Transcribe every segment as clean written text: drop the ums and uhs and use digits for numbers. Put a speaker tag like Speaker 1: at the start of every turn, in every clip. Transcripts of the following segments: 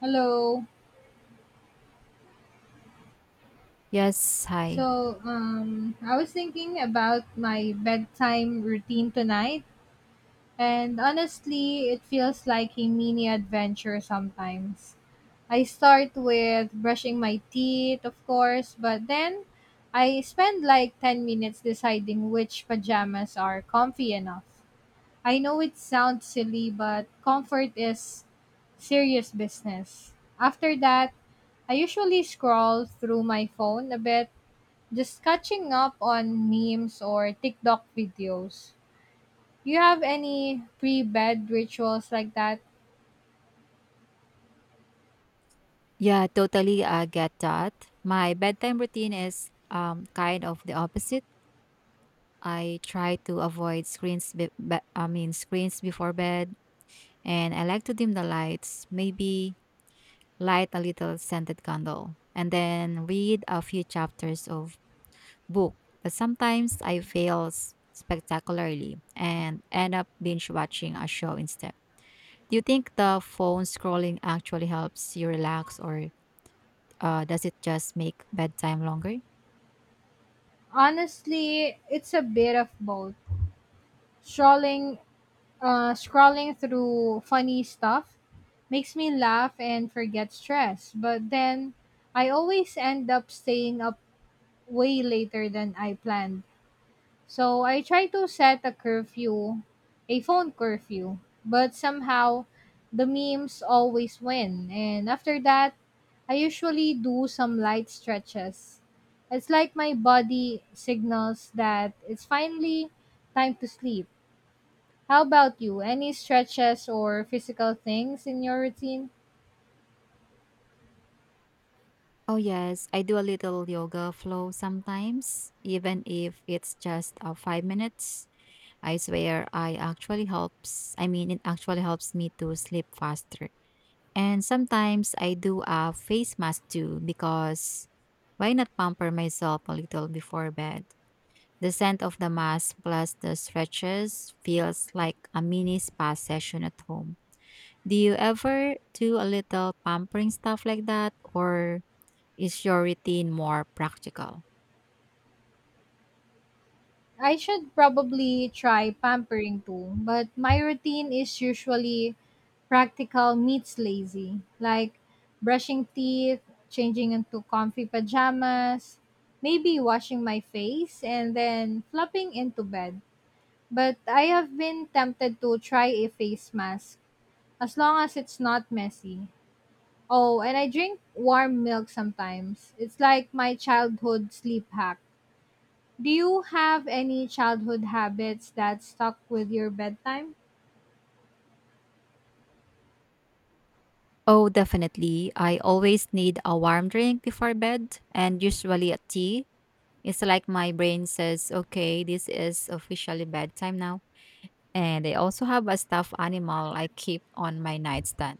Speaker 1: Hello.
Speaker 2: Yes, hi.
Speaker 1: I was thinking about my bedtime routine tonight, and honestly, it feels like a mini adventure sometimes. I start with brushing my teeth, of course, but then I spend like 10 minutes deciding which pajamas are comfy enough. I know it sounds silly, but comfort is serious business. After that, I usually scroll through my phone a bit. Just catching up on memes or TikTok videos. You have any pre bed rituals like that?
Speaker 2: Yeah, totally, I get that. My bedtime routine is kind of the opposite. I try to avoid screens screens before bed, and I like to dim the lights, maybe light a little scented candle and then read a few chapters of book. But sometimes I fail spectacularly and end up binge watching a show instead. Do you think the phone scrolling actually helps you relax, or does it just make bedtime longer?
Speaker 1: Honestly, it's a bit of both. Scrolling, scrolling through funny stuff makes me laugh and forget stress, but then I always end up staying up way later than I planned. So I try to set a curfew, a phone curfew, but somehow the memes always win. And after that, I usually do some light stretches. It's like my body signals that it's finally time to sleep. How about you? Any stretches or physical things in your routine?
Speaker 2: Oh, yes. I do a little yoga flow sometimes, even if it's just 5 minutes. I swear I actually helps. I mean, it actually helps me to sleep faster. And sometimes I do a face mask too, because why not pamper myself a little before bed? The scent of the mask plus the stretches feels like a mini spa session at home. Do you ever do a little pampering stuff like that, or is your routine more practical?
Speaker 1: I should probably try pampering too, but my routine is usually practical meets lazy, like brushing teeth, changing into comfy pajamas, maybe washing my face, and then flopping into bed. But I have been tempted to try a face mask as long as it's not messy. Oh, and I drink warm milk sometimes. It's like my childhood sleep hack. Do you have any childhood habits that stuck with your bedtime?
Speaker 2: Oh, definitely. I always need a warm drink before bed, and usually a tea. It's like my brain says, okay, this is officially bedtime now. And I also have a stuffed animal I keep on my nightstand.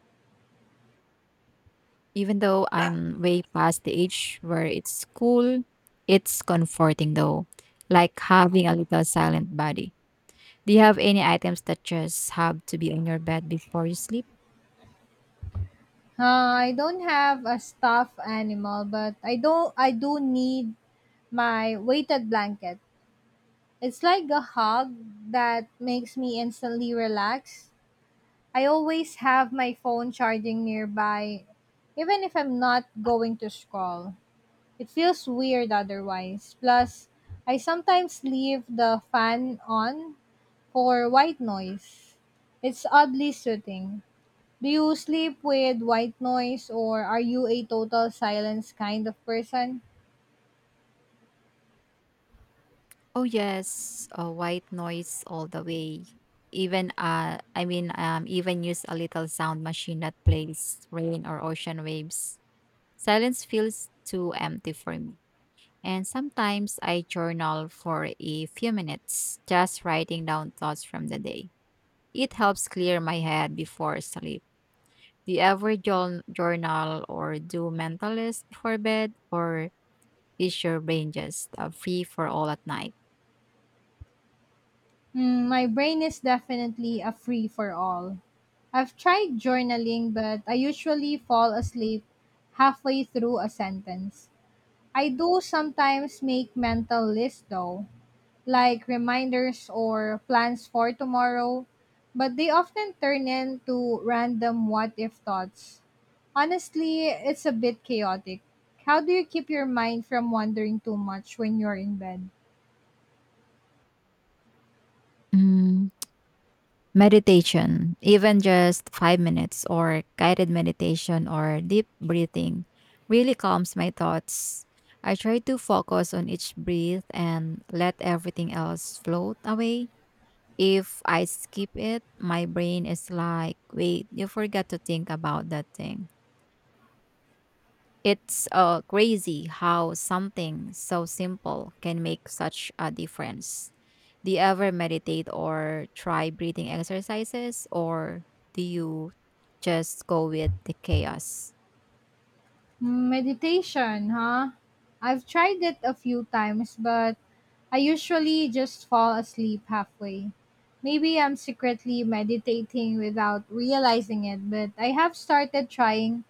Speaker 2: Even though I'm way past the age where it's cool, it's comforting though, like having a little silent buddy. Do you have any items that just have to be on your bed before you sleep?
Speaker 1: I don't have a stuffed animal, but I do need my weighted blanket. It's like a hug that makes me instantly relax. I always have my phone charging nearby, even if I'm not going to scroll. It feels weird otherwise. Plus, I sometimes leave the fan on for white noise. It's oddly soothing. Do you sleep with white noise or are you a total silence kind of person?
Speaker 2: Oh yes, white noise all the way. Even use a little sound machine that plays rain or ocean waves. Silence feels too empty for me. And sometimes I journal for a few minutes, just writing down thoughts from the day. It helps clear my head before sleep. Do you ever journal or do mental list before bed, or is your brain just free for all at night?
Speaker 1: My brain is definitely a free for all. I've tried journaling, but I usually fall asleep halfway through a sentence. I do sometimes make mental lists though, like reminders or plans for tomorrow, but they often turn into random what if thoughts. Honestly, it's a bit chaotic. How do you keep your mind from wandering too much when you're in bed?
Speaker 2: Mm, meditation, even just 5 minutes or guided meditation or deep breathing, really calms my thoughts. I try to focus on each breath and let everything else float away. If I skip it, my brain is like, wait, you forgot to think about that thing. It's crazy how something so simple can make such a difference. Do you ever meditate or try breathing exercises, or do you just go with the chaos?
Speaker 1: Meditation, huh? I've tried it a few times, but I usually just fall asleep halfway. Maybe I'm secretly meditating without realizing it, but I have started trying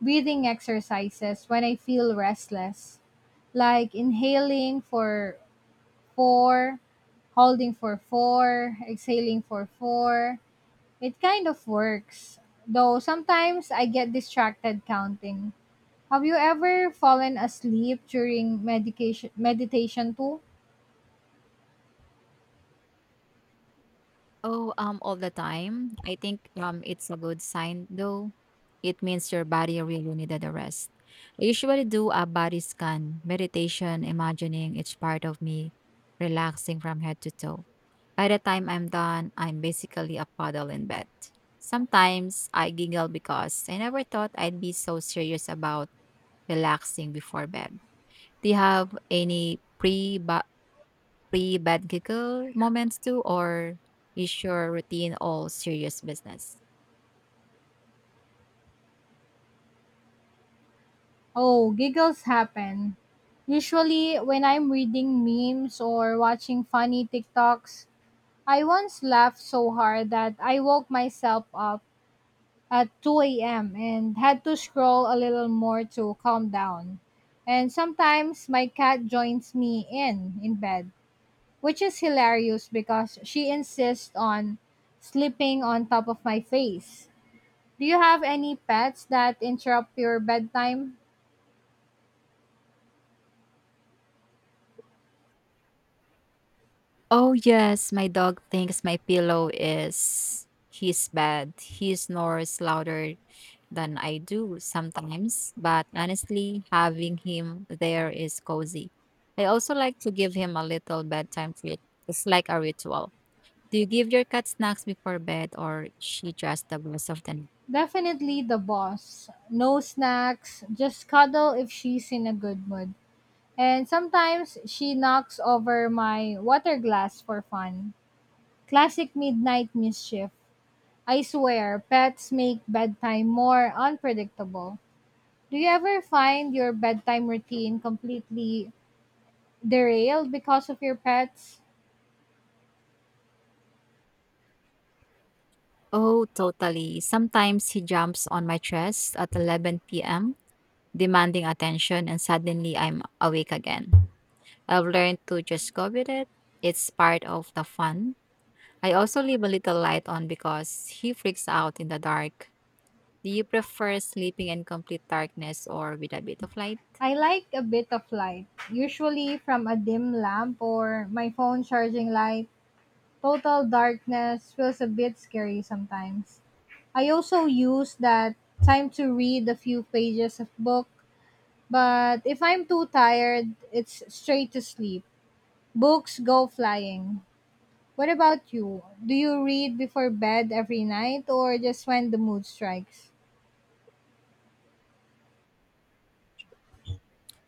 Speaker 1: breathing exercises when I feel restless, like inhaling for four, holding for four, exhaling for four. It kind of works, though sometimes I get distracted counting. Have you ever fallen asleep during medication meditation too?
Speaker 2: Oh, all the time. I think it's a good sign though. It means your body really needed a rest. I usually do a body scan, meditation, imagining each part of me relaxing from head to toe. By the time I'm done, I'm basically a puddle in bed. Sometimes I giggle because I never thought I'd be so serious about relaxing before bed. Do you have any pre bed giggle moments too, or is your routine all serious business?
Speaker 1: Oh, giggles happen. Usually when I'm reading memes or watching funny TikToks, I once laughed so hard that I woke myself up at 2 a.m. and had to scroll a little more to calm down. And sometimes my cat joins me in bed, which is hilarious because she insists on sleeping on top of my face. Do you have any pets that interrupt your bedtime?
Speaker 2: Oh yes, my dog thinks my pillow is his bed. He snores louder than I do sometimes, but honestly, having him there is cozy. I also like to give him a little bedtime treat. It's like a ritual. Do you give your cat snacks before bed, or is she just the rest of the night?
Speaker 1: Definitely the boss. No snacks, just cuddle if she's in a good mood. And sometimes she knocks over my water glass for fun. Classic midnight mischief. I swear, pets make bedtime more unpredictable. Do you ever find your bedtime routine completely derailed because of your pets?
Speaker 2: Oh, totally. Sometimes he jumps on my chest at 11 p.m., demanding attention, and suddenly I'm awake again. I've learned to just go with it. It's part of the fun. I also leave a little light on because he freaks out in the dark. Do you prefer sleeping in complete darkness or with a bit of light?
Speaker 1: I like a bit of light, usually from a dim lamp or my phone charging light. Total darkness feels a bit scary sometimes. I also use that time to read a few pages of book, but if I'm too tired, it's straight to sleep. Books go flying. What about you? Do you read before bed every night or just when the mood strikes?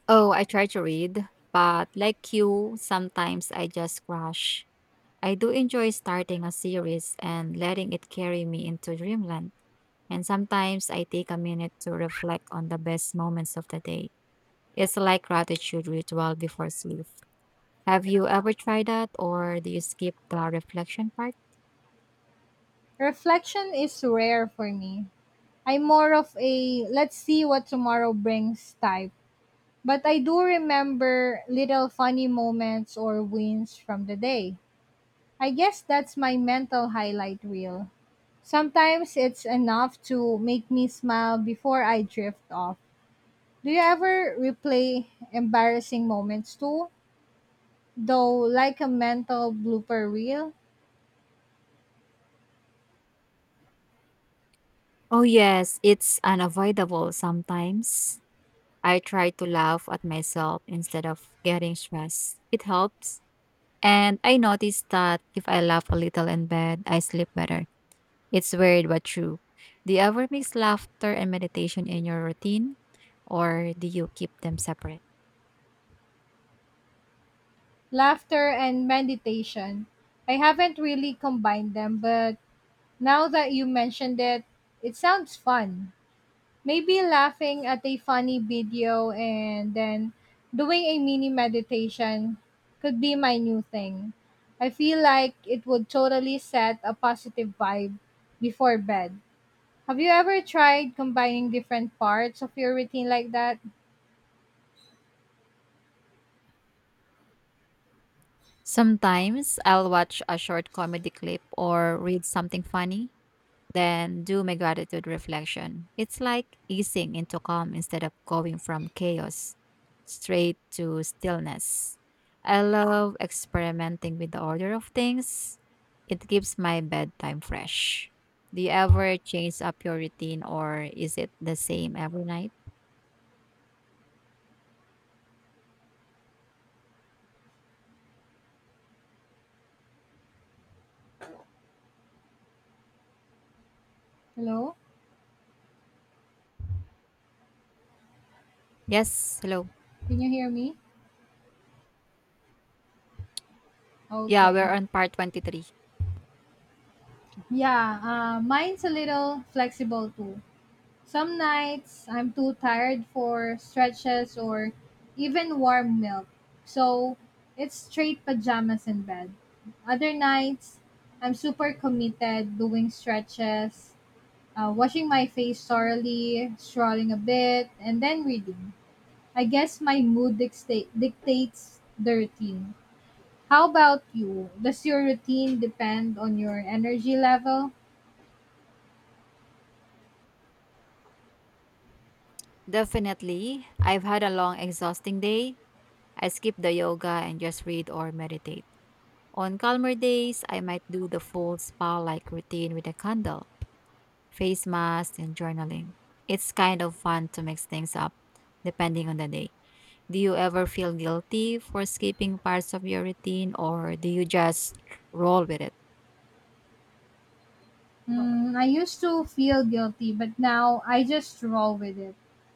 Speaker 2: Oh, I try to read, but like you, sometimes I just crash. I do enjoy starting a series and letting it carry me into dreamland. And sometimes I take a minute to reflect on the best moments of the day. It's like gratitude ritual before sleep. Have you ever tried that, or do you skip the reflection part?
Speaker 1: Reflection is rare for me. I'm more of a let's see what tomorrow brings type. But I do remember little funny moments or wins from the day. I guess that's my mental highlight reel. Sometimes it's enough to make me smile before I drift off. Do you ever replay embarrassing moments too, though, like a mental blooper reel?
Speaker 2: Oh yes, it's unavoidable sometimes. I try to laugh at myself instead of getting stressed. It helps. And I noticed that if I laugh a little in bed, I sleep better. It's weird but true. Do you ever mix laughter and meditation in your routine, or do you keep them separate?
Speaker 1: Laughter and meditation. I haven't really combined them, but now that you mentioned it, it sounds fun. Maybe laughing at a funny video and then doing a mini meditation could be my new thing. I feel like it would totally set a positive vibe before bed. Have you ever tried combining different parts of your routine like that?
Speaker 2: Sometimes I'll watch a short comedy clip or read something funny, then do my gratitude reflection. It's like easing into calm instead of going from chaos straight to stillness. I love experimenting with the order of things. It keeps my bedtime fresh. Do you ever change up your routine, or is it the same every night?
Speaker 1: Hello?
Speaker 2: Yes, hello.
Speaker 1: Can you hear me?
Speaker 2: Yeah, we're
Speaker 1: Okay.
Speaker 2: on part 23.
Speaker 1: Yeah, mine's a little flexible too. Some nights I'm too tired for stretches or even warm milk. So it's straight pajamas in bed. Other nights, I'm super committed doing stretches, washing my face thoroughly, strolling a bit, and then reading. I guess my mood dictates the routine. How about you? Does your routine depend on your energy level?
Speaker 2: Definitely. I've had a long, exhausting day. I skip the yoga and just read or meditate. On calmer days, I might do the full spa like routine with a candle, face mask, and journaling. It's kind of fun to mix things up depending on the day. Do you ever feel guilty for skipping parts of your routine, or do you just roll with it?
Speaker 1: I used to feel guilty, but now I just roll with it.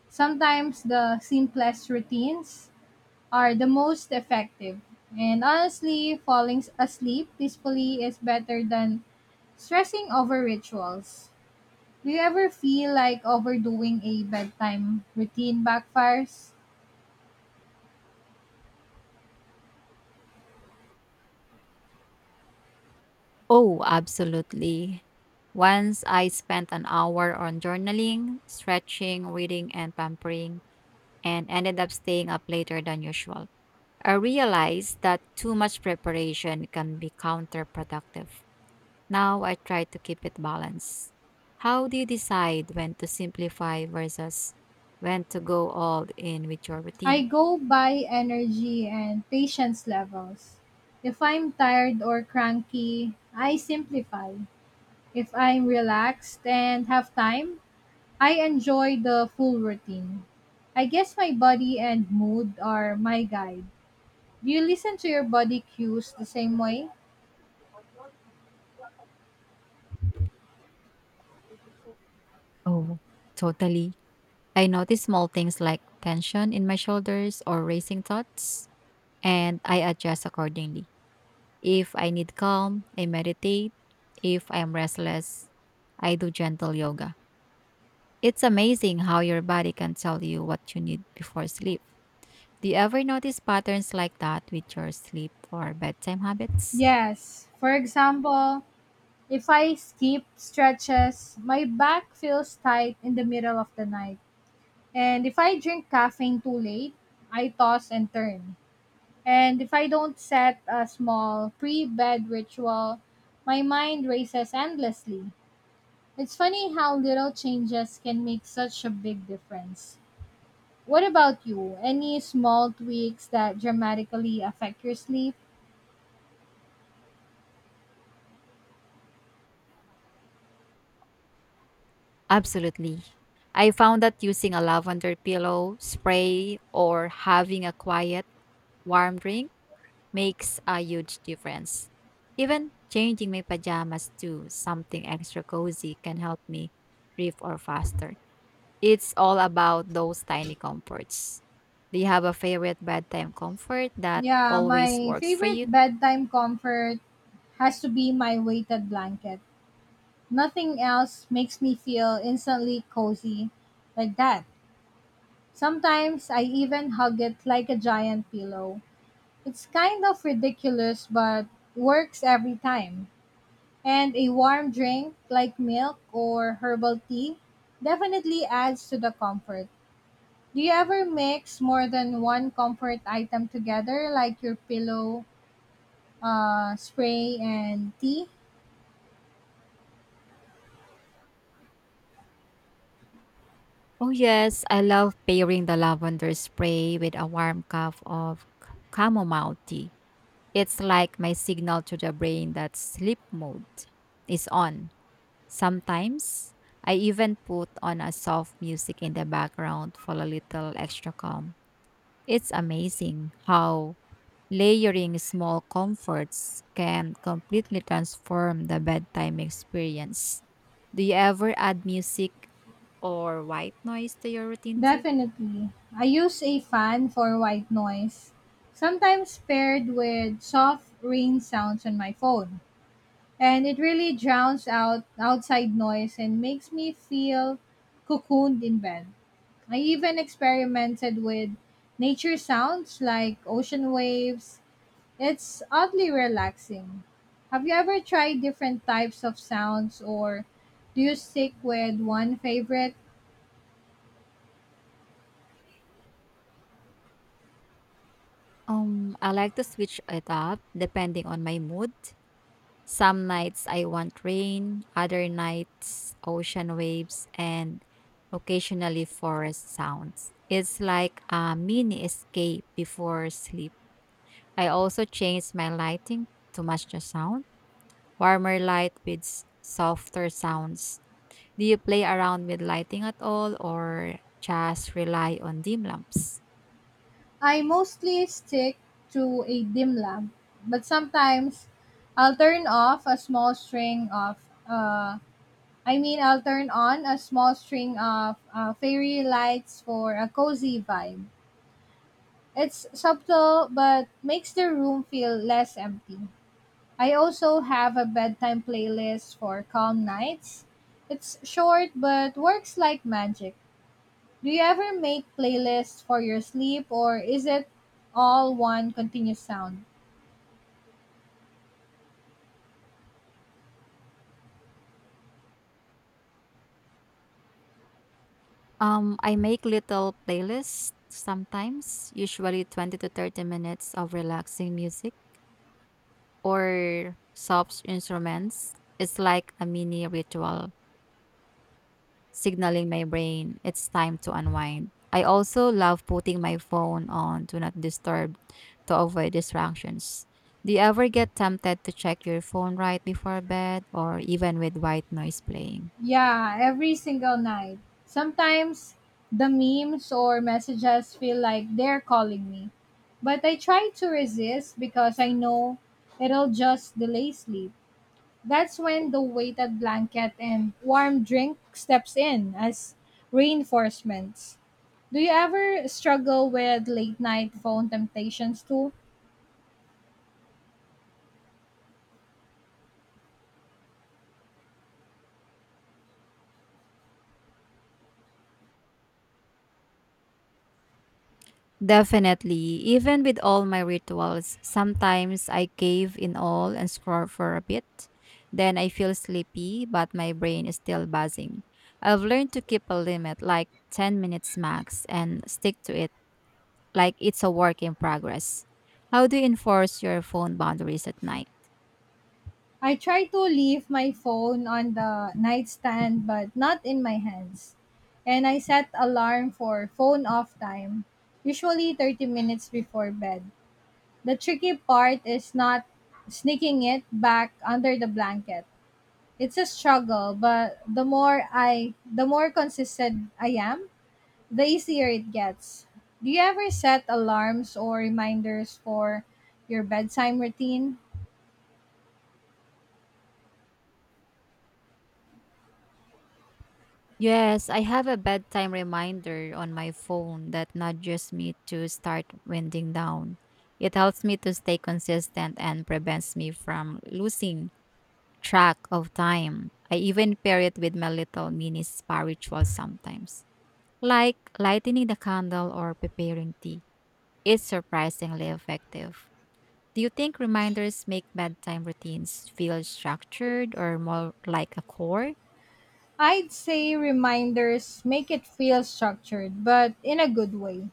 Speaker 1: Sometimes the simplest routines are the most effective. And honestly, falling asleep peacefully is better than stressing over rituals. Do you ever feel like overdoing a bedtime routine backfires?
Speaker 2: Oh, absolutely. Once I spent an hour on journaling, stretching, reading, and pampering, and ended up staying up later than usual. I realized that too much preparation can be counterproductive. Now I try to keep it balanced. How do you decide when to simplify versus when to go all in with your
Speaker 1: I
Speaker 2: routine?
Speaker 1: go by energy and patience levels. If I'm tired or cranky, I simplify. If I'm relaxed and have time, I enjoy the full routine. I guess my body and mood are my guide. Do you listen to your body cues the same way?
Speaker 2: Oh, totally. I notice small things like tension in my shoulders or racing thoughts, and I adjust accordingly. If I need calm, I meditate. If I am restless, I do gentle yoga. It's amazing how your body can tell you what you need before sleep. Do you ever notice patterns like that with your sleep or bedtime habits?
Speaker 1: Yes. For example, if I skip stretches, my back feels tight in the middle of the night. And if I drink caffeine too late, I toss and turn. And if I don't set a small pre bed ritual, my mind races endlessly. It's funny how little changes can make such a big difference. What about you? Any small tweaks that dramatically affect your sleep?
Speaker 2: Absolutely. I found that using a lavender pillow spray or having a quiet, warm drink makes a huge difference. Even changing my pajamas to something extra cozy can help me breathe or faster. It's all about those tiny comforts. Do you have a favorite bedtime comfort that
Speaker 1: Yeah,
Speaker 2: always
Speaker 1: my
Speaker 2: works for
Speaker 1: favorite
Speaker 2: you?
Speaker 1: bedtime comfort has to be my weighted blanket. Nothing else makes me feel instantly cozy like that. Sometimes I even hug it like a giant pillow. It's kind of ridiculous, but works every time. And a warm drink like milk or herbal tea definitely adds to the comfort. Do you ever mix more than one comfort item together, like your pillow, spray, and tea?
Speaker 2: Oh, yes, I love pairing the lavender spray with a warm cup of chamomile tea. It's like my signal to the brain that sleep mode is on. Sometimes I even put on a soft music in the background for a little extra calm. It's amazing how layering small comforts can completely transform the bedtime experience. Do you ever add music or white noise to your routine too?
Speaker 1: Definitely. I use a fan for white noise, sometimes paired with soft rain sounds on my phone. And it really drowns out outside noise and makes me feel cocooned in bed. I even experimented with nature sounds like ocean waves. It's oddly relaxing. Have you ever tried different types of sounds or do you stick with one favorite?
Speaker 2: I like to switch it up depending on my mood. Some nights I want rain, other nights ocean waves, and occasionally forest sounds. It's like a mini escape before sleep. I also change my lighting to match the sound, warmer light with softer sounds. Do you play around with lighting at all, or just rely on dim lamps?
Speaker 1: I mostly stick to a dim lamp, but sometimes I'll turn off a small string of uh I mean I'll turn on a small string of fairy lights for a cozy vibe. It's subtle but makes the room feel less empty. I also have a bedtime playlist for calm nights. It's short but works like magic. Do you ever make playlists for your sleep or is it all one continuous sound?
Speaker 2: I make little playlists sometimes, usually 20 to 30 minutes of relaxing music or soft instruments. It's like a mini ritual signaling my brain it's time to unwind. I also love putting my phone on do not disturb to avoid distractions. Do you ever get tempted to check your phone right before bed, or even with white noise playing?
Speaker 1: Yeah, every single night. Sometimes the memes or messages feel like they're calling me. But I try to resist because I know it'll just delay sleep. That's when the weighted blanket and warm drink steps in as reinforcements. Do you ever struggle with late night phone temptations too?
Speaker 2: Definitely. Even with all my rituals, sometimes I cave in all and scroll for a bit. Then I feel sleepy, but my brain is still buzzing. I've learned to keep a limit, like 10 minutes max, and stick to it like it's a work in progress. How do you enforce your phone boundaries at night?
Speaker 1: I try to leave my phone on the nightstand but not in my hands. And I set alarm for phone off time, usually 30 minutes before bed. The tricky part is not sneaking it back under the blanket. It's a struggle, but the more consistent I am, the easier it gets. Do you ever set alarms or reminders for your bedtime routine?
Speaker 2: Yes, I have a bedtime reminder on my phone that nudges me to start winding down. It helps me to stay consistent and prevents me from losing track of time. I even pair it with my little mini spa ritual sometimes, like lighting the candle or preparing tea. It's surprisingly effective. Do you think reminders make bedtime routines feel structured or more like a chore?
Speaker 1: I'd say reminders make it feel structured, but in a good way,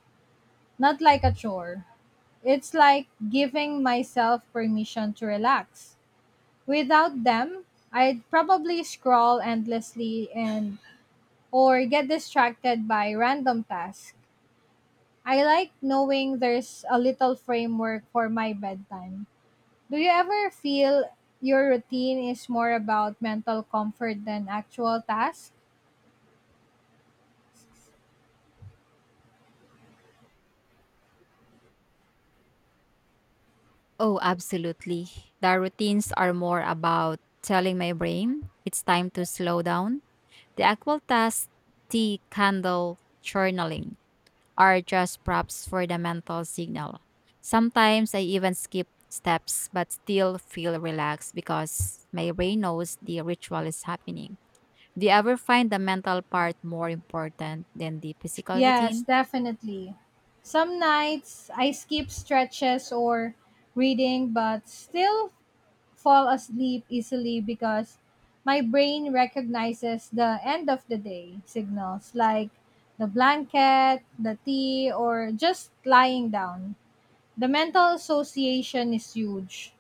Speaker 1: not like a chore. It's like giving myself permission to relax. Without them, I'd probably scroll endlessly and or get distracted by random tasks. I like knowing there's a little framework for my bedtime. Do you ever feel your routine is more about mental comfort than actual tasks?
Speaker 2: Oh, absolutely. The routines are more about telling my brain it's time to slow down. The actual task, tea, candle, journaling are just props for the mental signal. Sometimes I even skip steps but still feel relaxed because my brain knows the ritual is happening. Do you ever find the mental part more important than the physical
Speaker 1: Yes,
Speaker 2: routine?
Speaker 1: definitely. Some nights I skip stretches or reading but still fall asleep easily because my brain recognizes the end of the day signals like the blanket, the tea, or just lying down. The mental association is huge.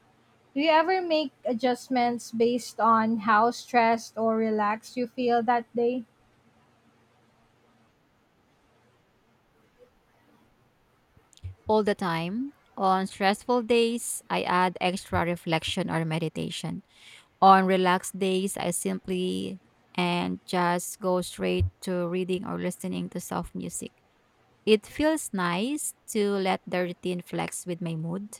Speaker 1: Do you ever make adjustments based on how stressed or relaxed you feel that day?
Speaker 2: All the time. On stressful days, I add extra reflection or meditation. On relaxed days, I simply and just go straight to reading or listening to soft music. It feels nice to let the routine flex with my mood.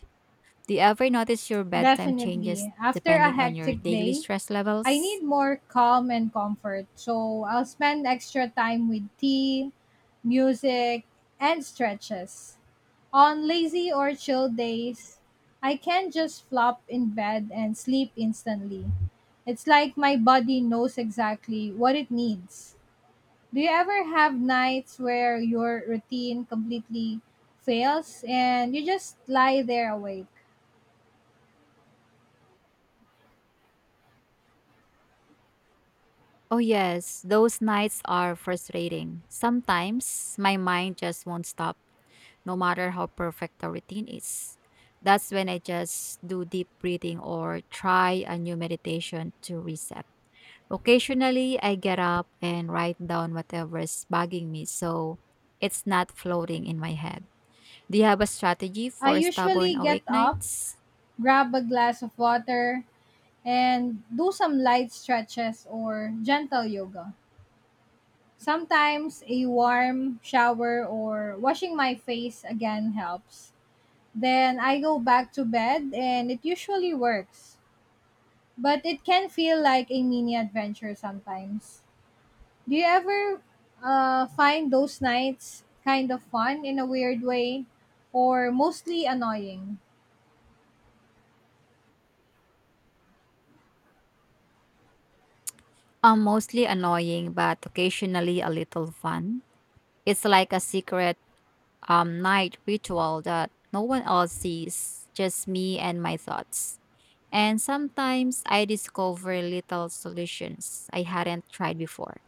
Speaker 2: Do you ever notice your bedtime changes
Speaker 1: Definitely. After a
Speaker 2: depending on your
Speaker 1: hectic
Speaker 2: daily
Speaker 1: day,
Speaker 2: stress
Speaker 1: I
Speaker 2: levels?
Speaker 1: need more calm and comfort. So I'll spend extra time with tea, music, and stretches. On lazy or chill days, I can just flop in bed and sleep instantly. It's like my body knows exactly what it needs. Do you ever have nights where your routine completely fails and you just lie there awake?
Speaker 2: Oh, yes, those nights are frustrating. Sometimes my mind just won't stop, no matter how perfect the routine is. That's when I just do deep breathing or try a new meditation to reset. Occasionally, I get up and write down whatever's bugging me so it's not floating in my head. Do you have a strategy
Speaker 1: I
Speaker 2: for stubborn
Speaker 1: usually get
Speaker 2: awake
Speaker 1: up,
Speaker 2: nights?
Speaker 1: grab a glass of water, and do some light stretches or gentle yoga. Sometimes a warm shower or washing my face again helps. Then I go back to bed and it usually works. But it can feel like a mini adventure sometimes. Do you ever find those nights kind of fun in a weird way or mostly annoying?
Speaker 2: Mostly annoying, but occasionally a little fun. It's like a secret night ritual that no one else sees, just me and my thoughts. And sometimes I discover little solutions I hadn't tried before.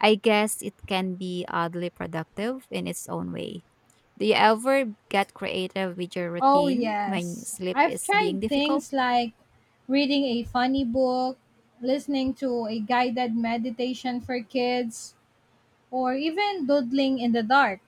Speaker 2: I guess it can be oddly productive in its own way. Do you ever get creative with your
Speaker 1: Oh,
Speaker 2: routine when
Speaker 1: yes.
Speaker 2: sleep
Speaker 1: I've
Speaker 2: is
Speaker 1: tried
Speaker 2: being difficult?
Speaker 1: things like reading a funny book, listening to a guided meditation for kids, or even doodling in the dark.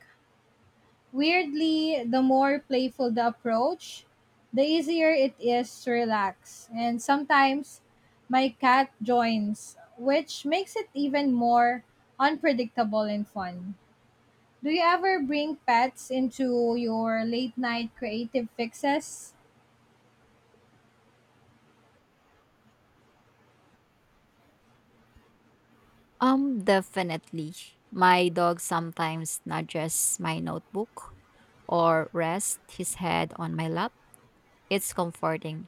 Speaker 1: Weirdly, the more playful the approach, the easier it is to relax. And sometimes my cat joins, which makes it even more unpredictable and fun. Do you ever bring pets into your late night creative fixes?
Speaker 2: Definitely. My dog sometimes nudges my notebook or rests his head on my lap. It's comforting.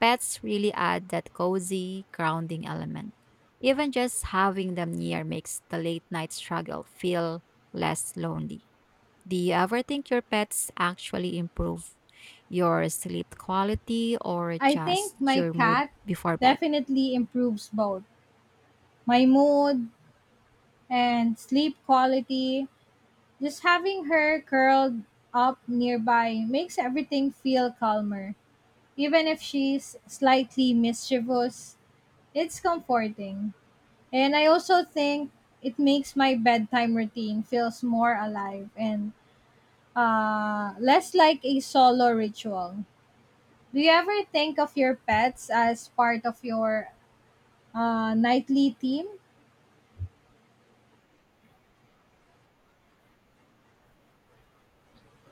Speaker 2: Pets really add that cozy, grounding element. Even just having them near makes the late night struggle feel less lonely. Do you ever think your pets actually improve your sleep quality, or
Speaker 1: I think
Speaker 2: just
Speaker 1: my
Speaker 2: your mood
Speaker 1: cat
Speaker 2: before bed?
Speaker 1: definitely improves both my mood and sleep quality. Just having her curled up nearby makes everything feel calmer, even if she's slightly mischievous. It's comforting. And I also think it makes my bedtime routine feels more alive and less like a solo ritual. Do you ever think of your pets as part of your nightly team?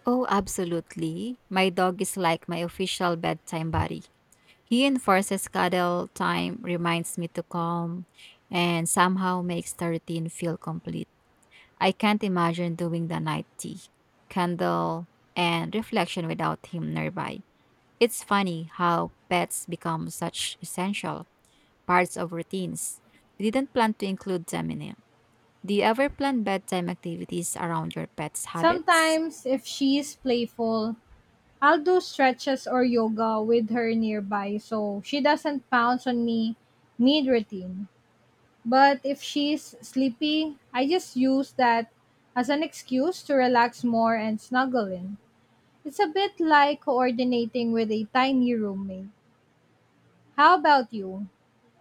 Speaker 2: Oh, absolutely. My dog is like my official bedtime buddy. He enforces cuddle time, reminds me to calm, and somehow makes the routine feel complete. I can't imagine doing the night tea, candle, and reflection without him nearby. It's funny how pets become such essential parts of routines. We didn't plan to include them in it. Do you ever plan bedtime activities around your pet's habits?
Speaker 1: Sometimes, if she is playful, I'll do stretches or yoga with her nearby so she doesn't pounce on me mid routine. But if she's sleepy, I just use that as an excuse to relax more and snuggle in. It's a bit like coordinating with a tiny roommate. How about you?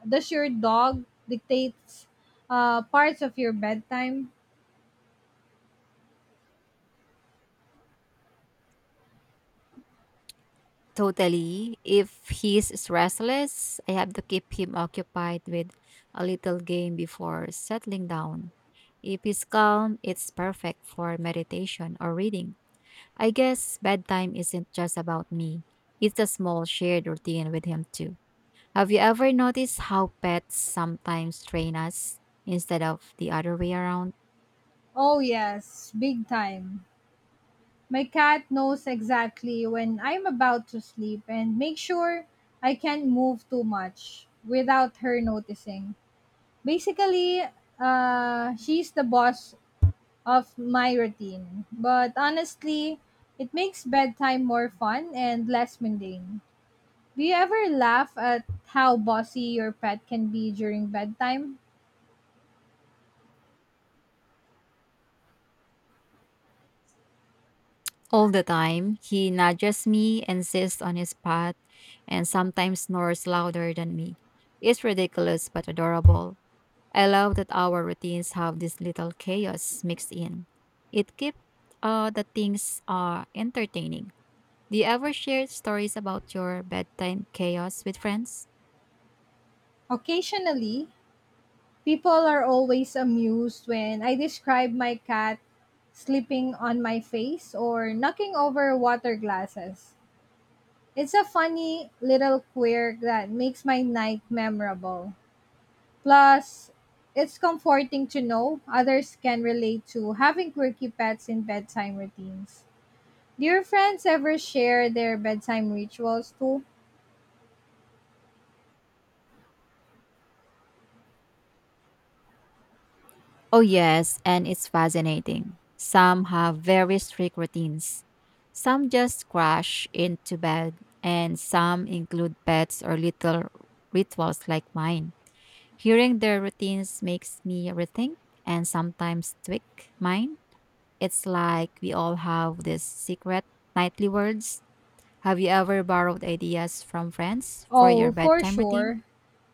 Speaker 1: Does your dog dictate parts of your bedtime?
Speaker 2: Totally. If he's restless, I have to keep him occupied with a little game before settling down. If he's calm, it's perfect for meditation or reading. I guess bedtime isn't just about me, it's a small shared routine with him too. Have you ever noticed how pets sometimes train us instead of the other way around?
Speaker 1: Oh, yes, big time. My cat knows exactly when I'm about to sleep and make sure I can't move too much without her noticing. Basically, she's the boss of my routine. But honestly, it makes bedtime more fun and less mundane. Do you ever laugh at how bossy your pet can be during bedtime?
Speaker 2: All the time, he nudges me, insists on his path, and sometimes snores louder than me. It's ridiculous but adorable. I love that our routines have this little chaos mixed in. It keeps the things entertaining. Do you ever share stories about your bedtime chaos with friends?
Speaker 1: Occasionally, people are always amused when I describe my cat sleeping on my face or knocking over water glasses. It's a funny little quirk that makes my night memorable. Plus, it's comforting to know others can relate to having quirky pets in bedtime routines. Do your friends ever share their bedtime rituals too?
Speaker 2: Oh, yes, and it's fascinating. Some have very strict routines. Some just crash into bed, and some include pets or little rituals like mine. Hearing their routines makes me rethink and sometimes tweak mine. It's like we all have these secret nightly words. Have you ever borrowed ideas from friends for your
Speaker 1: Oh, for
Speaker 2: bedtime routine?
Speaker 1: sure.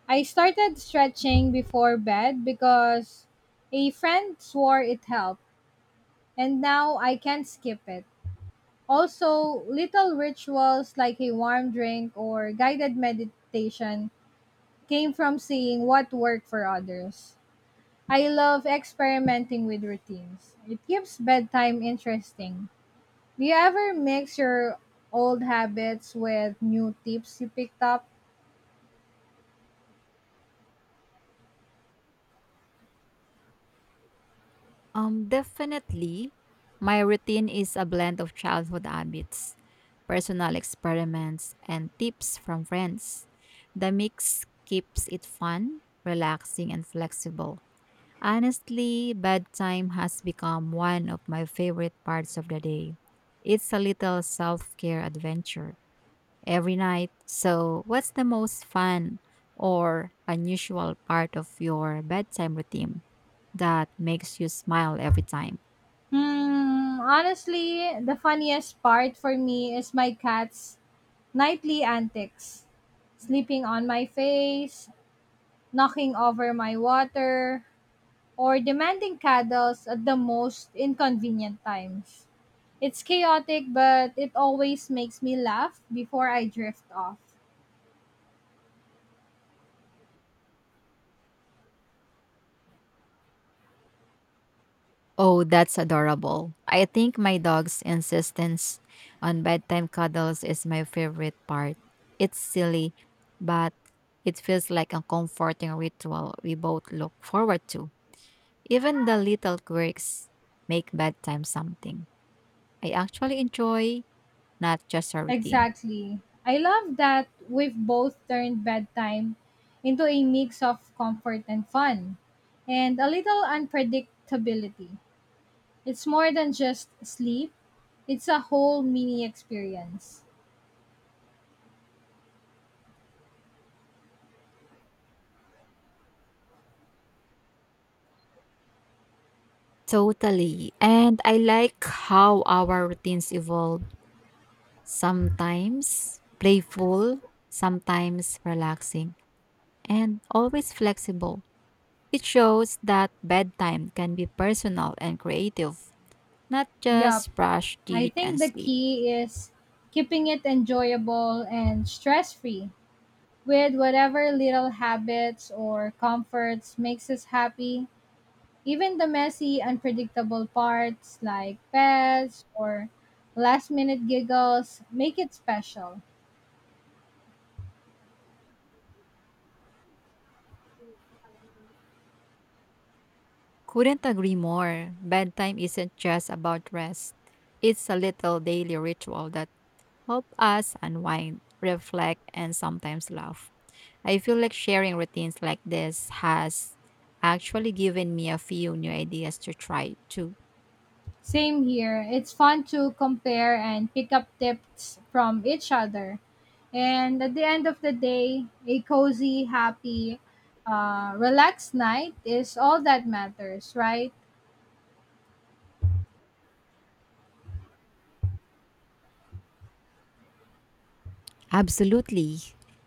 Speaker 1: I started stretching before bed because a friend swore it helped, and now I can't skip it. Also, little rituals like a warm drink or guided meditation came from seeing what worked for others. I love experimenting with routines. It keeps bedtime interesting. Do you ever mix your old habits with new tips you picked up?
Speaker 2: Definitely. My routine is a blend of childhood habits, personal experiments, and tips from friends. The mix keeps it fun, relaxing, and flexible. Honestly, bedtime has become one of my favorite parts of the day. It's a little self care adventure every night. So, what's the most fun or unusual part of your bedtime routine that makes you smile every time?
Speaker 1: Hmm, honestly, the funniest part for me is my cat's nightly antics. Sleeping on my face, knocking over my water, or demanding cuddles at the most inconvenient times. It's chaotic, but it always makes me laugh before I drift off.
Speaker 2: Oh, that's adorable. I think my dog's insistence on bedtime cuddles is my favorite part. It's silly, but it feels like a comforting ritual we both look forward to. Even the little quirks make bedtime something I actually enjoy, not just a routine.
Speaker 1: Exactly. I love that we've both turned bedtime into a mix of comfort and fun, and a little unpredictability. It's more than just sleep, it's a whole mini experience.
Speaker 2: Totally. And I like how our routines evolve. Sometimes playful, sometimes relaxing, and always flexible. It shows that bedtime can be personal and creative, not
Speaker 1: Yup,
Speaker 2: just brush
Speaker 1: I
Speaker 2: teeth
Speaker 1: think
Speaker 2: and
Speaker 1: the
Speaker 2: sleep.
Speaker 1: key is keeping it enjoyable and stress free with whatever little habits or comforts makes us happy. Even the messy, unpredictable parts like pets or last minute giggles make it special.
Speaker 2: Couldn't agree more. Bedtime isn't just about rest. It's a little daily ritual that help us unwind, reflect, and sometimes laugh. I feel like sharing routines like this has actually given me a few new ideas to try too.
Speaker 1: Same here. It's fun to compare and pick up tips from each other. And at the end of the day, a cozy, happy, relaxed night is all that matters, right?
Speaker 2: Absolutely.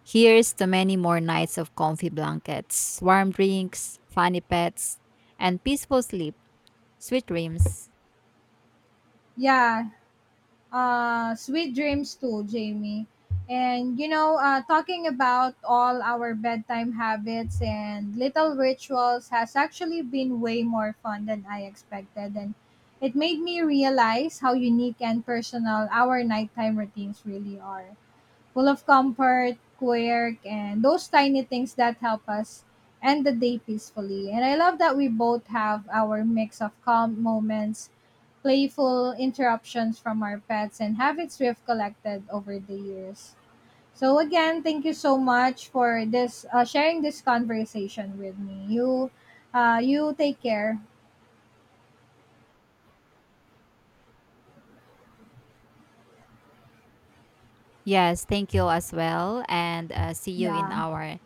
Speaker 2: Here's to many more nights of comfy blankets, warm drinks, funny pets, and peaceful sleep. Sweet dreams.
Speaker 1: Yeah, sweet dreams too, Jamie. And you know, talking about all our bedtime habits and little rituals has actually been way more fun than I expected, and it made me realize how unique and personal our nighttime routines really are, full of comfort, quirk, and those tiny things that help us end the day peacefully. And I love that we both have our mix of calm moments, playful interruptions from our pets and habits we have collected over the years. So again, thank you so much for this sharing this conversation with me. You take care.
Speaker 2: Yes, thank you as well. And see you in
Speaker 1: Yeah.
Speaker 2: our